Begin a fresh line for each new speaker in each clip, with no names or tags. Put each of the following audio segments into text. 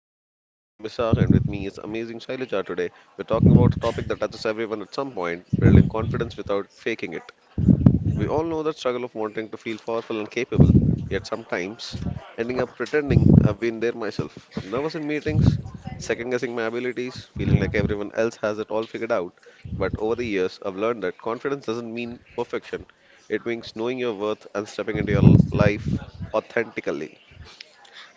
Corner. I'm Isaac, and with me is amazing Shailaja today. We're talking about a topic that touches everyone at some point building confidence without faking it. We all know that struggle of wanting to feel powerful and capable, yet sometimes ending up pretending I've been there myself. Nervous in meetings, second guessing my abilities, feeling like everyone else has it all figured out. But over the years, I've learned that confidence doesn't mean perfection, it means knowing your worth and stepping into your life authentically.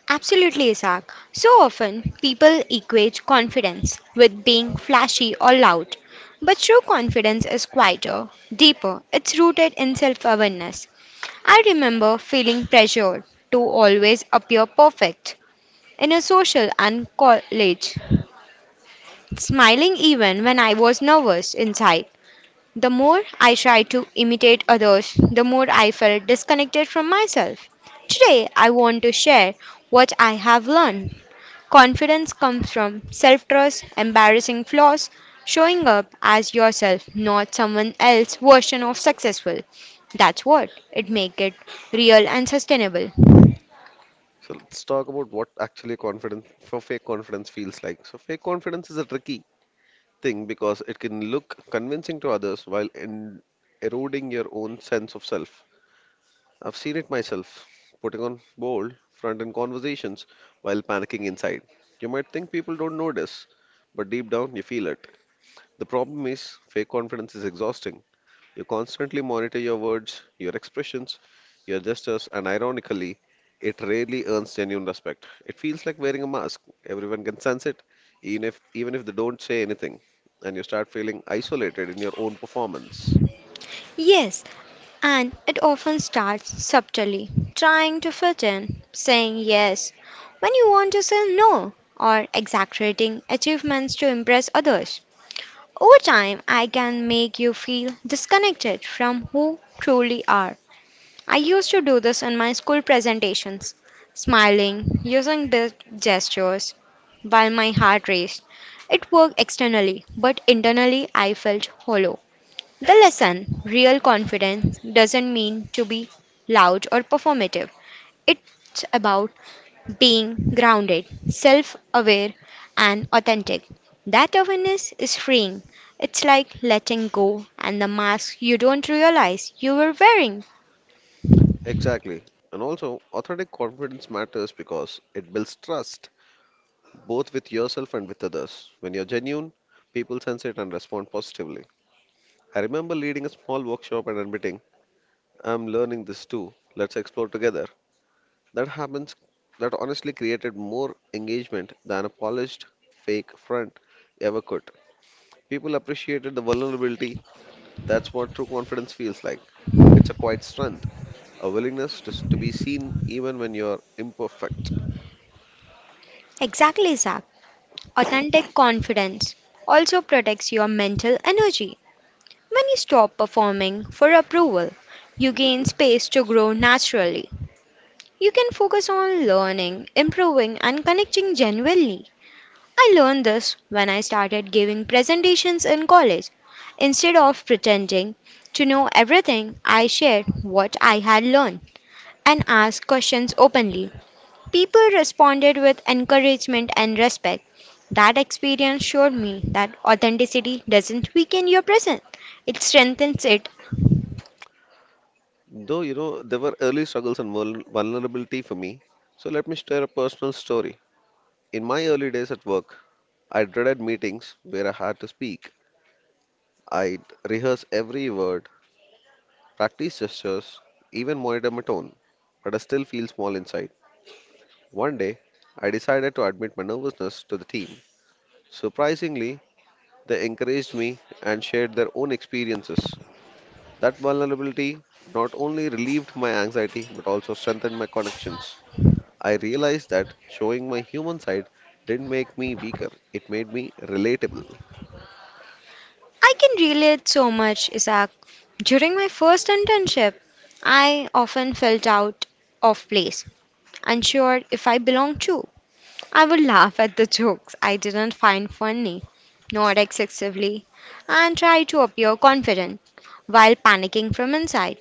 Absolutely, Isaac. So often, people equate confidence with being flashy or loud. But true confidence is quieter, deeper, it's rooted in self awareness. I remember feeling pressured to always appear perfect in a social and college, smiling even when I was nervous inside. The more I tried to imitate others, the more I felt disconnected from myself. Today, I want to share what I have learned. Confidence comes from self trust, embarrassing flaws, showing up as yourself, not someone else's version of successful. That's what it makes it real and sustainable.
So let's talk about what actually confidence for fake confidence feels like. So fake confidence is a tricky thing because it can look convincing to others while in eroding your own sense of self. I've seen it myself, putting on bold front in conversations while panicking inside. You might think people don't notice, but deep down you feel it. The problem is, fake confidence is exhausting. You constantly monitor your words, your expressions, your gestures, and ironically, it rarely earns genuine respect. It feels like wearing a mask. Everyone can sense it, even if they don't say anything, and you start feeling isolated in your own performance.
Yes, and it often starts subtly, trying to fit in, saying yes when you want to say no, or exaggerating achievements to impress others. Over time, I can make you feel disconnected from who truly are. I used to do this in my school presentations, smiling, using big gestures, while my heart raced. It worked externally, but internally I felt hollow. The lesson real confidence doesn't mean to be loud or performative. It's about being grounded, self aware, and authentic. That awareness is freeing. It's like letting go and the mask you don't realize you were wearing.
Exactly. And also, authentic confidence matters because it builds trust, both with yourself and with others. When you're genuine, people sense it and respond positively. I remember leading a small workshop and admitting I'm learning this too. Let's explore together. That happens, that honestly created more engagement than a polished fake front ever could. People appreciated the vulnerability. That's what true confidence feels like. It's a quiet strength, a willingness to be seen even when you're imperfect.
Exactly, Zach. Authentic confidence also protects your mental energy. When you stop performing for approval, you
You
gain
can
space to
sp-
grow naturally. You can focus on learning, improving, and connecting genuinely. I learned this when I started giving presentations in college. Instead of pretending to know everything, I shared what I had learned and asked questions openly. People responded with encouragement and respect. That experience showed me that authenticity doesn't weaken your presence, it strengthens it.
Though, you know, there were early struggles and vulnerability for me. So let me share a personal story. In my early days at work, I dreaded meetings where I had to speak. I rehearse every word, practice gestures, even monitor my tone, but I still feel small inside. One day, I decided to admit my nervousness to the team. Surprisingly, they encouraged me and shared their own experiences. That vulnerability not only relieved my anxiety but also strengthened my connections. I realized that showing my human side didn't make me weaker, it made me relatable.
I can relate so much, Isaac. During my first internship, I often felt out of place, unsure if I belonged to. I would laugh at the jokes I didn't find funny, not excessively, and try to appear confident while panicking from inside.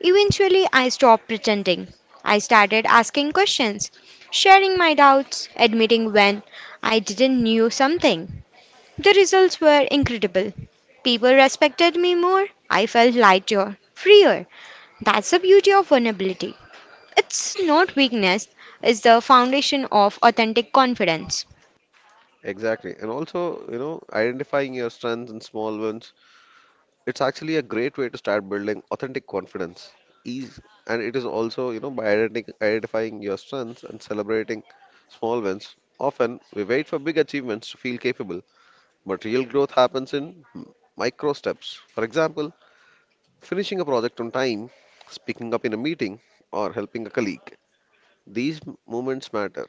Eventually, I stopped pretending. I started asking questions, sharing my doubts, admitting when I didn't know something. The results were incredible. People respected me more. I felt lighter, freer. That's the beauty of vulnerability. It's not weakness, it's the foundation of authentic confidence.
Exactly. And also, you know, identifying your strengths and small ones. It's actually a great way to start building authentic confidence. Ease, and it is also, you know, by identifying your strengths and celebrating small wins. Often, we wait for big achievements to feel capable, but real growth happens in micro steps. For example, finishing a project on time, speaking up in a meeting, or helping a colleague. These moments matter.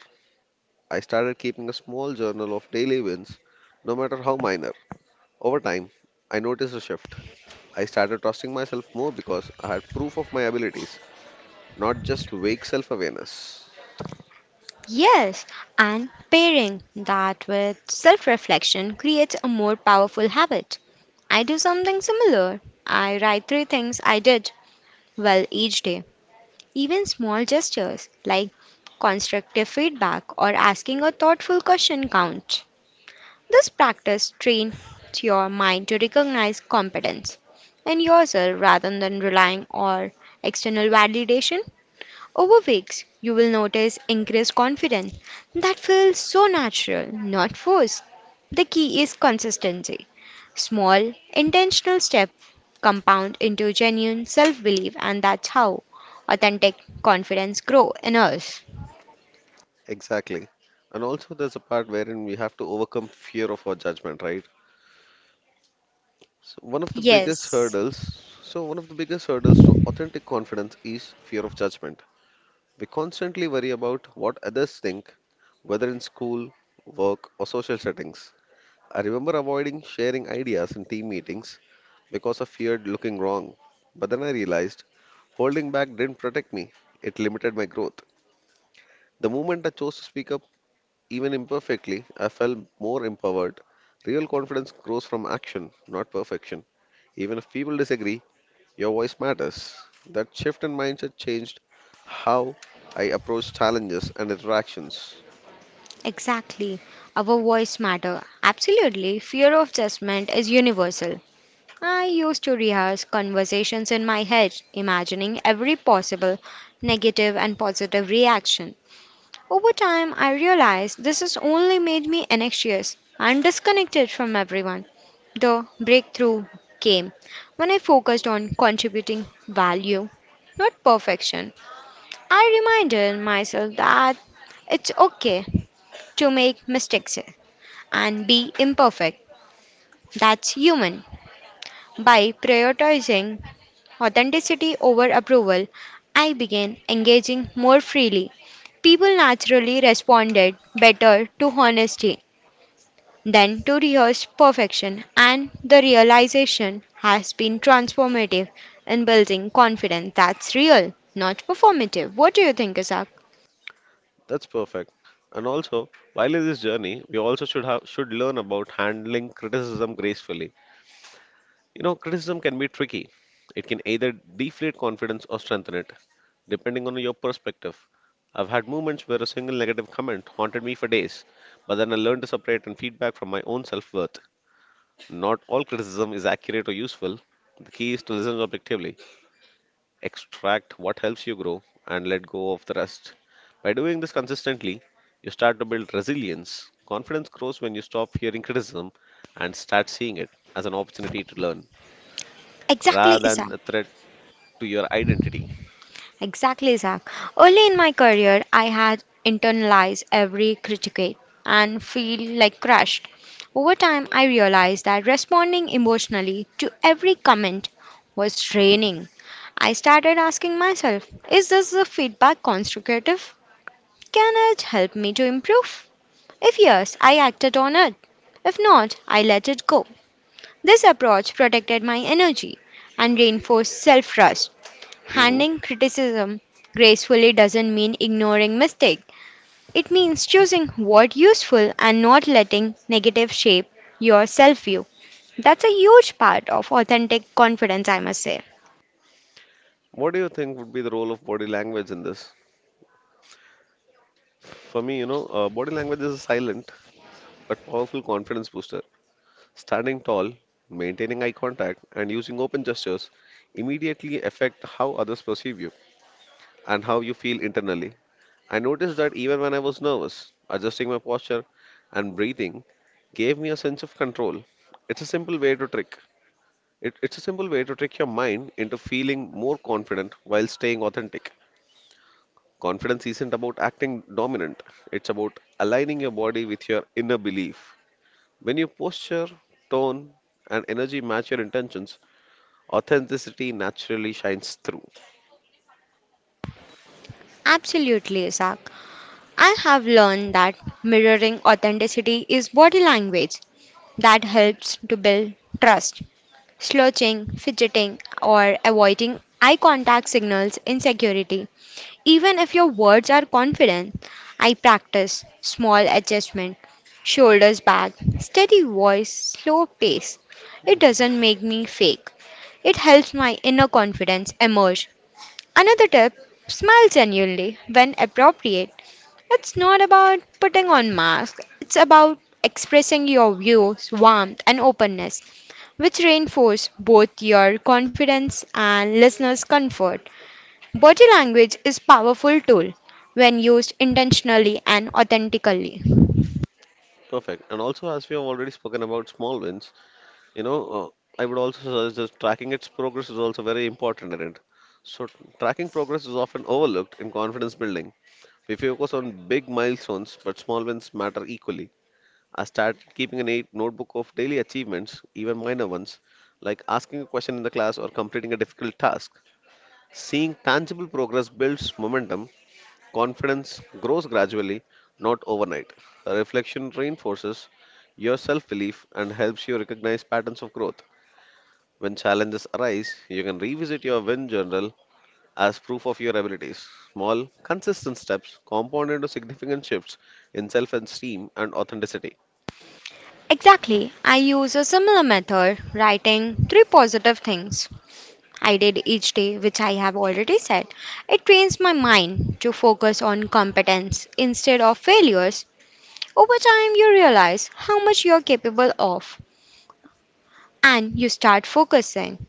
I started keeping a small journal of daily wins, no matter how minor. Over time, I noticed a shift. I started trusting myself more because I had proof of my abilities, not just vague self awareness.
Yes, and pairing that with self reflection creates a more powerful habit. I do something similar. I write three things I did well each day. Even small gestures like constructive feedback or asking a thoughtful question count. This practice trains your mind to recognize competence in yourself rather than relying on external validation. Over weeks, you will notice increased confidence that feels so natural, not forced. The key is consistency. Small, intentional steps compound into genuine self belief, and that's how authentic confidence grows in us.
Exactly. And also, there's a part wherein we have to overcome fear of our judgment, right? So one of the biggest
Yes,
hurdles, so one of the biggest hurdles to authentic confidence is fear of judgment. We constantly worry about what others think, whether in school, work, or social settings. I remember avoiding sharing ideas in team meetings because I feared looking wrong. But then I realized holding back didn't protect me, it limited my growth. The moment I chose to speak up, even imperfectly, I felt more empowered. Real confidence grows from action, not perfection. Even if people disagree, your voice matters. That shift in mindset changed how I approach challenges and interactions.
exactly. Our voice matter. Absolutely. Fear of judgment is universal. I used to rehearse conversations in my head, imagining every possible negative and positive reaction. Over time, I realized this has only made me anxious and disconnected from everyone. The breakthrough came when I focused on contributing value, not perfection. I reminded myself that it's okay to make mistakes and be imperfect. That's human. By prioritizing authenticity over approval, I began engaging more freely. People naturally responded better to honesty than to rehearsed perfection, and the realization has been transformative in building confidence that's real, not performative. What do you think, Isaac?
That's perfect. And also, while in this journey, we also should learn about handling criticism gracefully. You know, criticism can be tricky. It can either deflate confidence or strengthen it, depending on your perspective. I've had moments where a single negative comment haunted me for days, but then I learned to separate and feedback from my own self worth. Not all criticism is accurate or useful. The key is to listen objectively, extract what helps you grow, and let go of the rest. By doing this consistently, you start to build resilience. Confidence grows when you stop hearing criticism and start seeing it as an opportunity to learn
Exactly,
rather than
Isaac.
a threat to your identity.
Exactly, Zach. Early in my career, I had internalized every critique and feel like crushed. Over time, I realized that responding emotionally to every comment was draining. I started asking myself, is this the feedback constructive? Can it help me to improve? If yes, I acted on it. If not, I let it go. This approach protected my energy and reinforced self trust.
hmm
Handling criticism gracefully doesn't mean ignoring mistakes. It means choosing what's useful and not letting negative shape your self view. That's a huge part of authentic confidence, I must say.
What do you think would be the role of body language in this? For me, you know, body language is a silent but powerful confidence booster. Standing tall, maintaining eye contact, and using open gestures immediately affect how others perceive you and how you feel internally. I noticed that even when I was nervous, adjusting my posture and breathing gave me a sense of control. It's a simple way to trick. It's a simple way to trick your mind into feeling more confident while staying authentic. Confidence isn't about acting dominant, it's about aligning your body with your inner belief. When your posture, tone, and energy match your intentions, authenticity naturally shines through.
Absolutely, Isaac. I have learned that mirroring authenticity is body language that helps to build trust. Slouching, fidgeting, or avoiding eye contact signals insecurity. Even if your words are confident, I practice small adjustment, shoulders back, steady voice, slow pace. It doesn't make me fake. It helps my inner confidence emerge. Another tip smile genuinely when appropriate. It's not about putting on masks, it's about expressing your views, warmth, and openness, which reinforce both your confidence and listeners' comfort. Body language is powerful tool when used intentionally and authentically.
Perfect. And also, as we have already spoken about small wins, you know, I would also suggest that tracking its progress is also very important in it. So, tracking progress is often overlooked in confidence building. We focus on big milestones, but small wins matter equally. I started keeping a neat notebook of daily achievements, even minor ones, like asking a question in the class or completing a difficult task. Seeing tangible progress builds momentum, confidence grows gradually, not overnight. A reflection reinforces your self belief and helps you recognize patterns of growth. When challenges arise, you can revisit your win journal as proof of your abilities. Small, consistent steps compound into significant shifts in self esteem and authenticity.
Exactly. I use a similar method, writing three positive things I did each day, which I have already said. It trains my mind to focus on competence instead of failures. Over time, you realize how much you're capable of and you start focusing.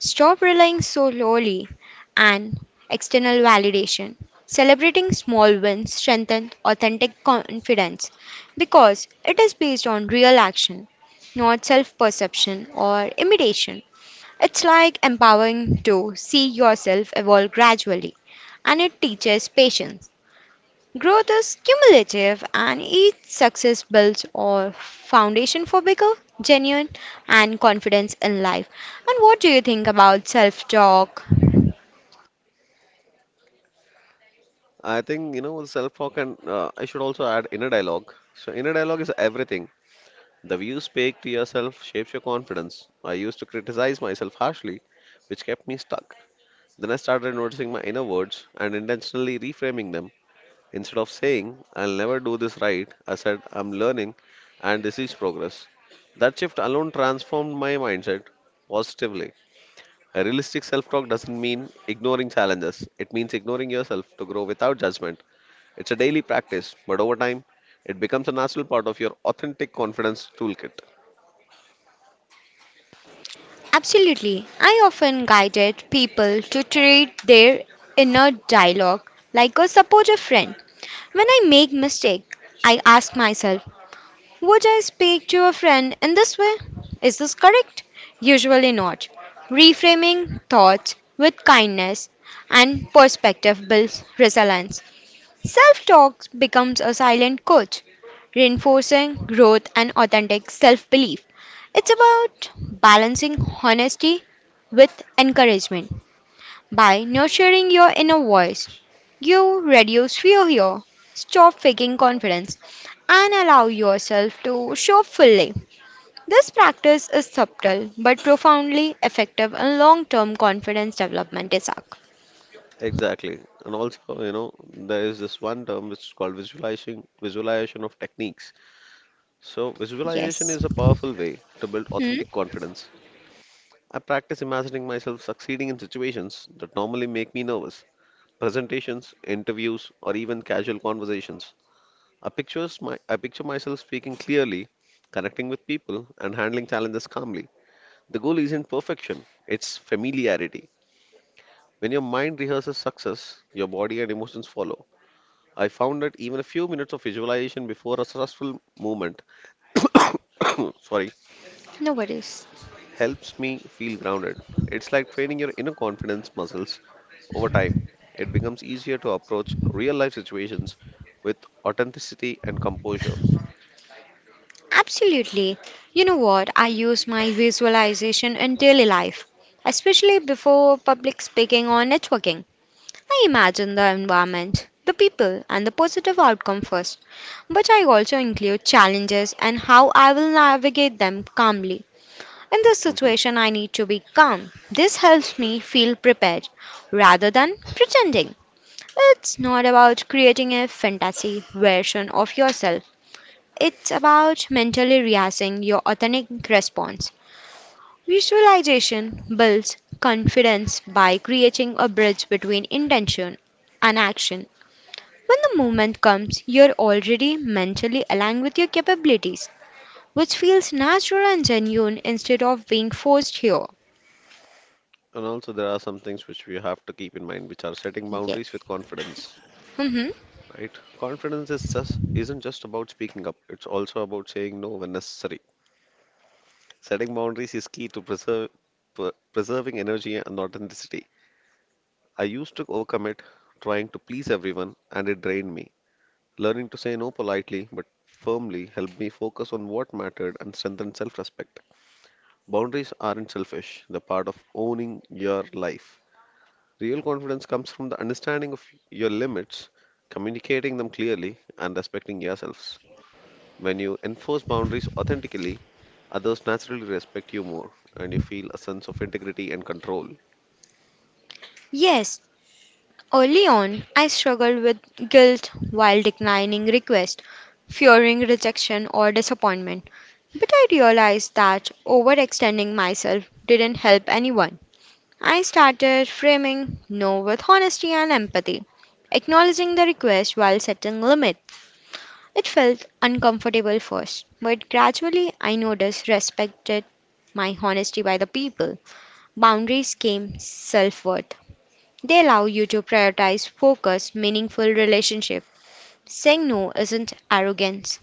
Stop relying so solely on external validation. Celebrating small wins strengthens authentic confidence because it is based on real action, not self perception or imitation. It's like empowering to see yourself evolve gradually, and it teaches patience. Growth is cumulative, and each success builds a foundation for bigger, genuine, and confidence in life. And what do you think about self talk?
I think, you know, self-talk and I should also add inner dialogue. So inner dialogue is everything. The way you speak to yourself shapes your confidence. I used to criticize myself harshly, which kept me stuck. Then I started noticing my inner words and intentionally reframing them. Instead of saying, I'll never do this right, I said, I'm learning and this is progress. That shift alone transformed my mindset positively. A realistic self-talk doesn't mean ignoring challenges. It means ignoring yourself to grow without judgment. It's a daily practice, but over time, it becomes a natural part of your authentic confidence toolkit.
Absolutely. I often guided people to treat their inner dialogue like a supportive friend. When I make mistake, I ask myself, would I speak to a friend in this way? Is this correct? Usually not. Reframing thoughts with kindness and perspective builds resilience. Self talk becomes a silent coach, reinforcing growth and authentic self belief. It's about balancing honesty with encouragement. By nurturing your inner voice, you reduce fear here, stop faking confidence, and allow yourself to show fully. This practice is subtle but profoundly effective in long term confidence development, Isaac.
Exactly. And also, you know, there is this one term which is called visualization of techniques. So, visualization
Yes.
is a powerful way to build
Hmm?
authentic confidence. I practice imagining myself succeeding in situations that normally make me nervous, presentations, interviews, or even casual conversations. I picture myself speaking clearly, connecting with people, and handling challenges calmly. The goal isn't perfection, it's familiarity. When your mind rehearses success, your body and emotions follow. I found that even a few minutes of visualization before a stressful movement sorry,
No worries.
helps me feel grounded. It's like training your inner confidence muscles over time. It becomes easier to approach real life situations with authenticity and composure.
Absolutely. You know what? I use my visualization in daily life, especially before public speaking or networking. I imagine the environment, the people, and the positive outcome first. But I also include challenges and how I will navigate them calmly. In this
Mhm.
situation, I need to be calm. This helps me feel prepared rather than pretending. It's not about creating a fantasy version of yourself. It's about mentally rehearsing your authentic response. Visualization builds confidence by creating a bridge between intention and action. When the moment comes, you're already mentally aligned with your capabilities, which feels natural and genuine instead of being forced here.
And also, there are some things which we have to keep in mind, which are setting
Yeah.
boundaries with confidence.
Hmm.
Right? Confidence is just isn't just about speaking up. It's also about saying no when necessary. Setting boundaries is key to preserving energy and authenticity. I used to overcommit, trying to please everyone, and it drained me. Learning to say no politely but firmly helped me focus on what mattered and strengthen self-respect. Boundaries aren't selfish; they're part of owning your life. Real confidence comes from the understanding of your limits, communicating them clearly, and respecting yourselves. When you enforce boundaries authentically, others naturally respect you more and you feel a sense of integrity and control.
Yes, early on, I struggled with guilt while declining requests, fearing rejection or disappointment. But I realized that overextending myself didn't help anyone. I started framing no with honesty and empathy, acknowledging the request while setting limits. It felt uncomfortable first, but gradually I noticed respected my honesty by the people. Boundaries came self worth. They allow you to prioritize focused, meaningful relationship. Saying no isn't arrogance,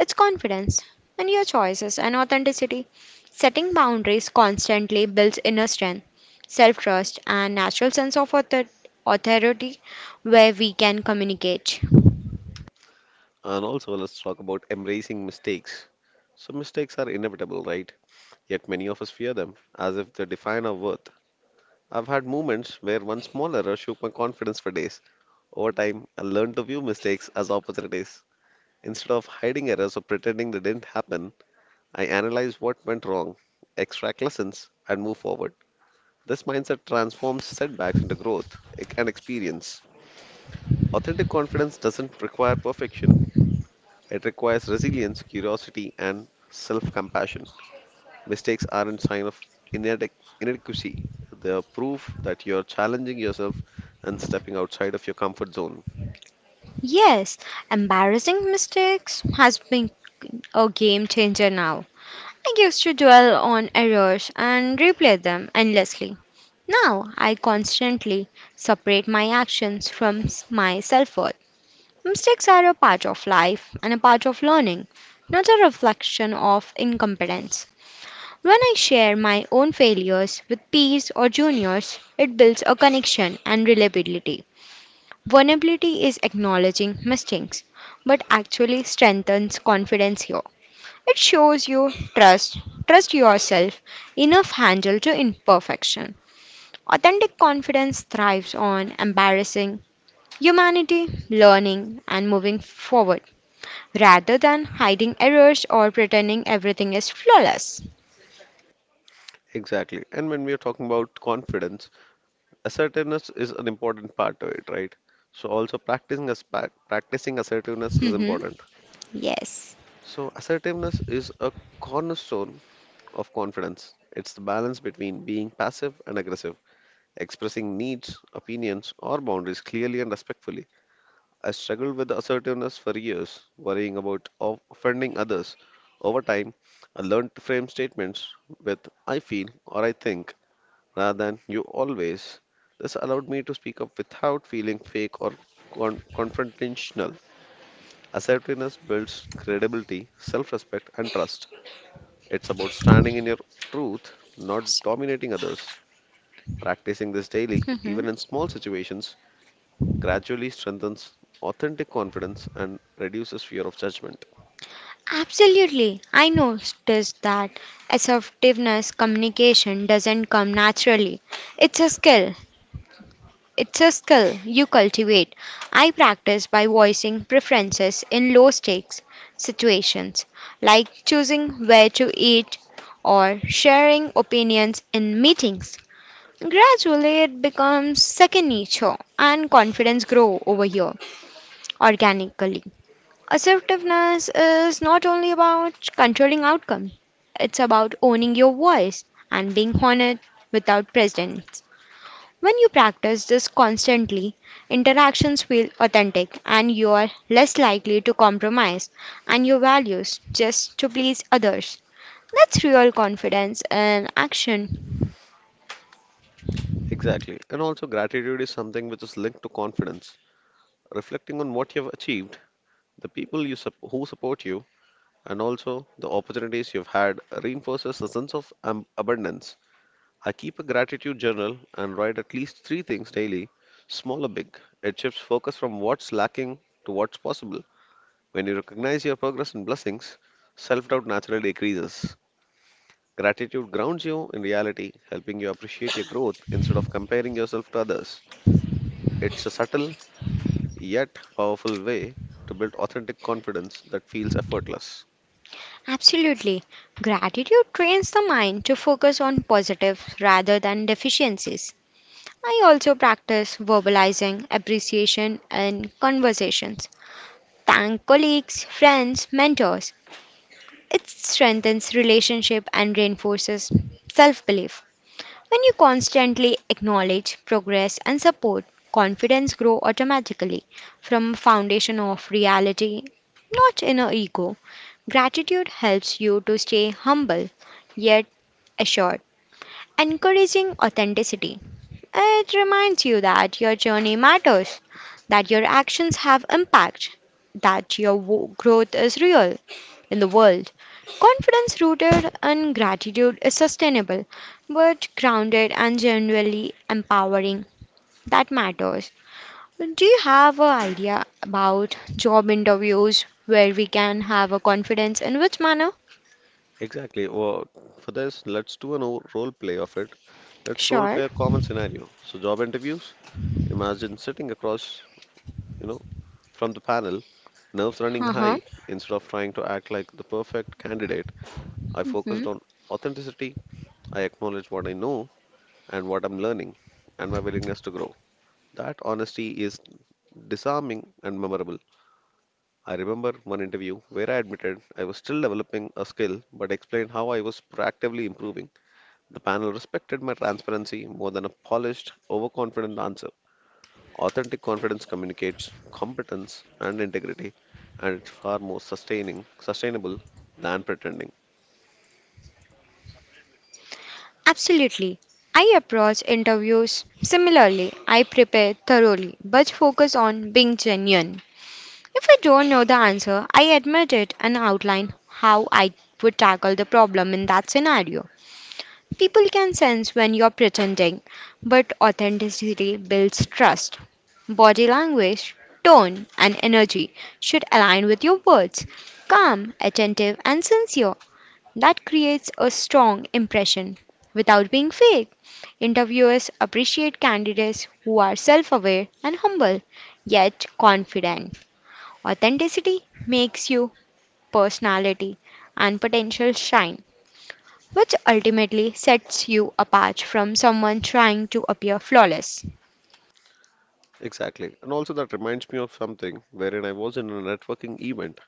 it's confidence in your choices and authenticity. Setting boundaries constantly builds inner strength, self trust, and natural sense of authority where we can communicate.
And also, let's talk about embracing mistakes. So, mistakes are inevitable, right? Yet, many of us fear them as if they define our worth. I've had moments where one small error shook my confidence for days. Over time, I learned to view mistakes as opportunities. Instead of hiding errors or pretending they didn't happen, I analyze what went wrong, extract lessons, and move forward. This mindset transforms setbacks into growth and experience. Authentic confidence doesn't require perfection, it requires resilience, curiosity, and self compassion. Mistakes aren't sign of inadequacy, they are proof that you're challenging yourself and stepping outside of your comfort zone.
Yes, embarrassing mistakes has been a game changer now. I used to dwell on errors and replay them endlessly. Now, I constantly separate my actions from my self worth. Mistakes are a part of life and a part of learning, not a reflection of incompetence. When I share my own failures with peers or juniors, it builds a connection and reliability. Vulnerability is acknowledging mistakes, but actually strengthens confidence here. It shows you trust, trust yourself, enough handle to imperfection. Authentic confidence thrives on embarrassing humanity, learning, and moving forward rather than hiding errors or pretending everything is flawless.
Exactly. And when we are talking about confidence, assertiveness is an important part to it, right? So also practicing assertiveness is
Mhm.
important.
Yes.
So assertiveness is a cornerstone of confidence. It's the balance between being passive and aggressive, expressing needs, opinions, or boundaries clearly and respectfully. I struggled with assertiveness for years, worrying about offending others. Over time, I learned to frame statements with I feel or I think rather than you always. This allowed me to speak up without feeling fake or confrontational. Assertiveness builds credibility, self respect, and trust. It's about standing in your truth, not dominating others. Practicing this daily, even
Mhm.
in small situations, gradually strengthens authentic confidence and reduces fear of judgment.
Absolutely. I noticed that assertiveness communication doesn't come naturally. It's a skill It's a skill you cultivate. I practice by voicing preferences in low stakes situations, like choosing where to eat or sharing opinions in meetings. Gradually, it becomes second nature, and confidence grow over here organically. Assertiveness is not only about controlling outcome; it's about owning your voice and being honest without precedent. When you practice this constantly, interactions feel authentic and you are less likely to compromise and your values just to please others. That's real confidence in action.
Exactly. And also, gratitude is something which is linked to confidence. Reflecting on what you have achieved, the people you who support you, and also the opportunities you've had reinforces a sense of abundance. I keep a gratitude journal and write at least three things daily, small or big. It shifts focus from what's lacking to what's possible. When you recognize your progress and blessings, self doubt naturally decreases. Gratitude grounds you in reality, helping you appreciate your growth instead of comparing yourself to others. It's a subtle yet powerful way to build authentic confidence that feels effortless.
Absolutely. Gratitude trains the mind to focus on positives rather than deficiencies. I also practice verbalizing appreciation in conversations. Thank colleagues, friends, mentors, it strengthens relationship and reinforces self-belief. When you constantly acknowledge progress and support, confidence grow automatically from a foundation of reality, not inner ego. Gratitude helps you to stay humble yet assured encouraging authenticity. It reminds you that your journey matters, that your actions have impact, that your growth is real in the world. Confidence rooted in gratitude is sustainable, but grounded and genuinely empowering. That matters. Do you have an idea about job interviews where we can have a confidence in which manner?
Exactly. Well, for this, let's do a no role play of it. Let's role
Sure.
play a common scenario. So, job interviews, imagine sitting across, you know, from the panel, nerves running
Uh-huh.
high. Instead of trying to act like the perfect candidate, I focused
Mm-hmm.
on authenticity. I acknowledge what I know and what I'm learning and my willingness to grow. That honesty is disarming and memorable. I remember one interview where I admitted I was still developing a skill but explained how I was proactively improving. The panel respected my transparency more than a polished, overconfident answer. Authentic confidence communicates competence and integrity, and it's far more sustainable than pretending.
Absolutely. I approach interviews similarly. I prepare thoroughly, but focus on being genuine. If I don't know the answer, I admit it and outline how I would tackle the problem in that scenario. People can sense when you're pretending, but authenticity builds trust. Body language, tone, and energy should align with your words. Calm, attentive, and sincere that creates a strong impression without being fake. Interviewers appreciate candidates who are self aware and humble, yet confident. Authenticity makes you personality and potential shine, which ultimately sets you apart from someone trying to appear flawless.
Exactly. And also, that reminds me of something wherein I was in a networking event.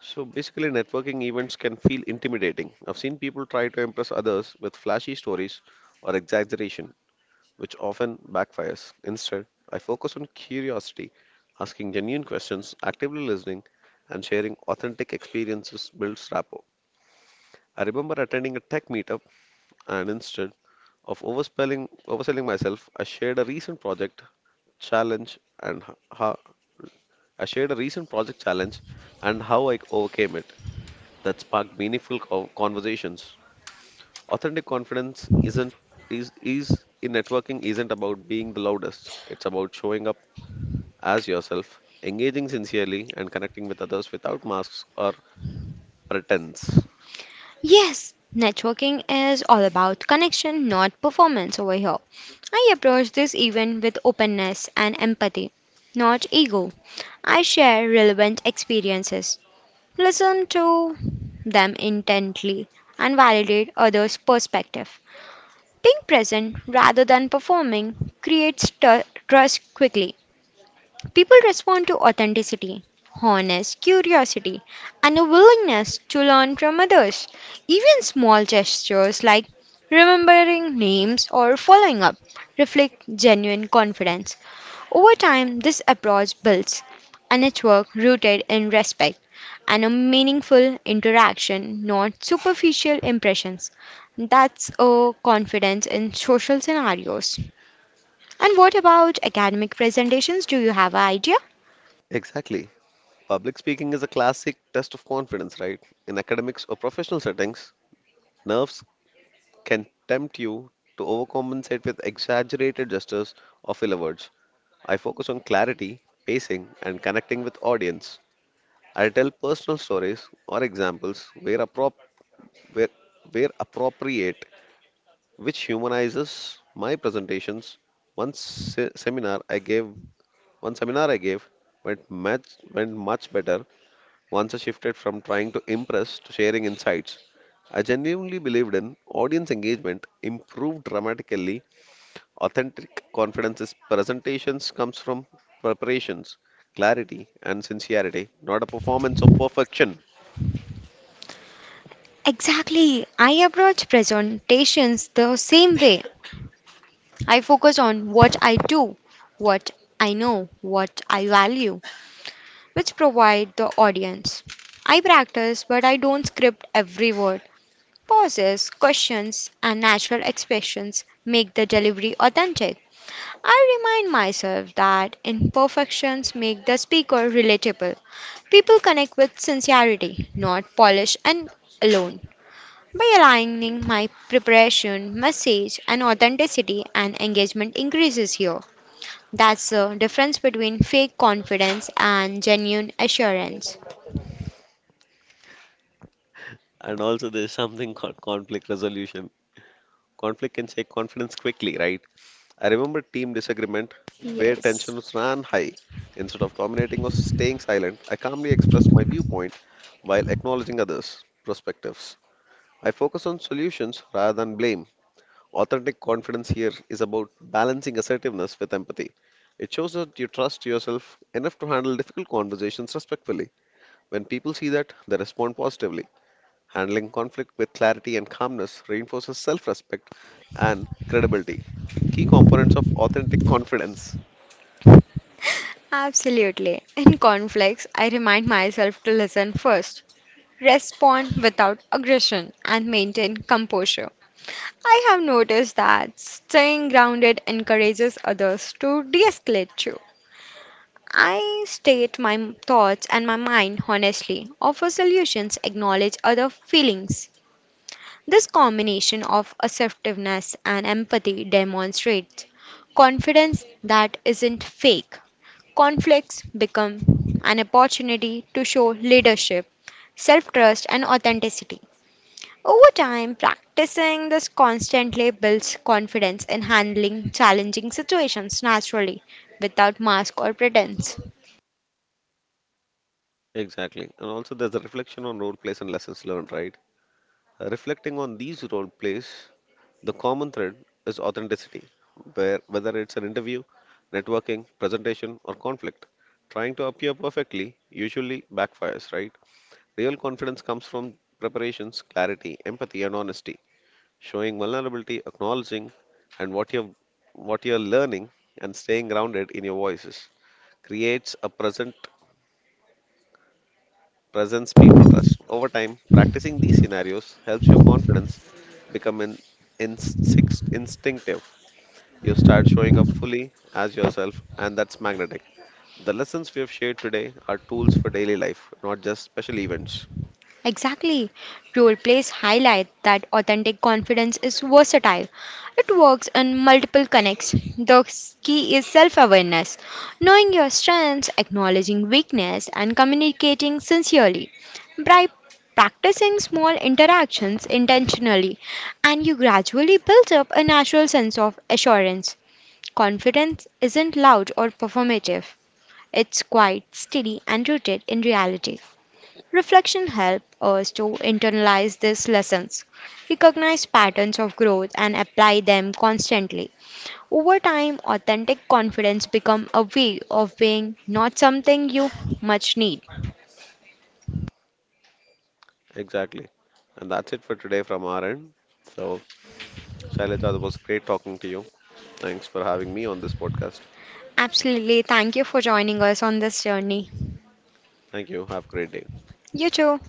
So, basically, networking events can feel intimidating. I've seen people try to impress others with flashy stories or exaggeration, which often backfires. Instead, I focus on curiosity, asking genuine questions, actively listening, and sharing authentic experiences builds rapport. I remember attending a tech meetup and instead of overselling myself, I shared a recent project challenge and h- how I shared a recent project challenge and how I overcame it. That sparked meaningful conversations. Authentic confidence isn't is in networking isn't about being the loudest. It's about showing up as yourself, engaging sincerely, and connecting with others without masks or pretense.
Yes, networking is all about connection, not performance over here. I approach this event with openness and empathy, not ego. I share relevant experiences, listen to them intently, and validate others' perspective. Being present rather than performing creates trust quickly. People respond to authenticity, honest curiosity, and a willingness to learn from others. Even small gestures like remembering names or following up reflect genuine confidence. Over time, this approach builds a network rooted in respect and a meaningful interaction, not superficial impressions. That's a confidence in social scenarios. And what about academic presentations? Do you have an idea?
Exactly. Public speaking is a classic test of confidence, right? In academics or professional settings, nerves can tempt you to overcompensate with exaggerated gestures or filler words. I focus on clarity, pacing, and connecting with audience. I tell personal stories or examples where, where appropriate, which humanizes my presentations. One se- seminar I gave, one seminar I gave went much went much better once I shifted from trying to impress to sharing insights. I genuinely believed in audience engagement improved dramatically. Authentic confidence is presentations comes from preparations, clarity, and sincerity, not a performance of perfection.
Exactly. I approach presentations the same way. I focus on what I do, what I know, what I value, which provide the audience. I practice, but I don't script every word. Pauses, questions, and natural expressions make the delivery authentic. I remind myself that imperfections make the speaker relatable. People connect with sincerity, not polish and alone. By aligning my preparation, message, and authenticity, and engagement increases here. That's the difference between fake confidence and genuine assurance.
And also, there's something called conflict resolution. Conflict can shake confidence quickly, right? I remember team disagreement where
Yes,
tensions ran high. Instead of dominating or staying silent, I calmly expressed my viewpoint while acknowledging others' perspectives. I focus on solutions rather than blame. Authentic confidence here is about balancing assertiveness with empathy. It shows that you trust yourself enough to handle difficult conversations respectfully. When people see that, they respond positively. Handling conflict with clarity and calmness reinforces self respect and credibility, key components of authentic confidence.
absolutely. In conflicts, I remind myself to listen first, respond without aggression, and maintain composure. I have noticed that staying grounded encourages others to de escalate. I state my thoughts and my mind honestly, offer solutions, acknowledge other feelings. This combination of assertiveness and empathy demonstrates confidence that isn't fake. Conflicts become an opportunity to show leadership, self trust, and authenticity. Over time, practicing this constantly builds confidence in handling challenging situations naturally without mask or pretense.
Exactly. And also, there's a reflection on role plays and lessons learned, right? Reflecting on these role plays, the common thread is authenticity, where whether it's an interview, networking, presentation, or conflict, trying to appear perfectly usually backfires, right? Real confidence comes from preparations, clarity, empathy, and honesty, showing vulnerability, acknowledging and what you're learning and staying grounded in your voices creates a present presence, people trust. Over time, practicing these scenarios helps your confidence become instinctive. You start showing up fully as yourself, and that's magnetic. The lessons we have shared today are tools for daily life, not just special events.
Exactly. Role plays highlight that authentic confidence is versatile. It works in multiple connects. The key is self awareness, knowing your strengths, acknowledging weakness, and communicating sincerely. By practicing small interactions intentionally, and you gradually build up a natural sense of assurance. Confidence isn't loud or performative, it's quite steady and rooted in reality. Reflection helps us to internalize these lessons, recognize patterns of growth, and apply them constantly. Over time, authentic confidence becomes a way of being not something you much need.
Exactly. And that's it for today from our end. So, Shailaja, it was great talking to you. Thanks for having me on this podcast.
Absolutely. Thank you for joining us on this journey.
Thank you. Have a great day.
You too.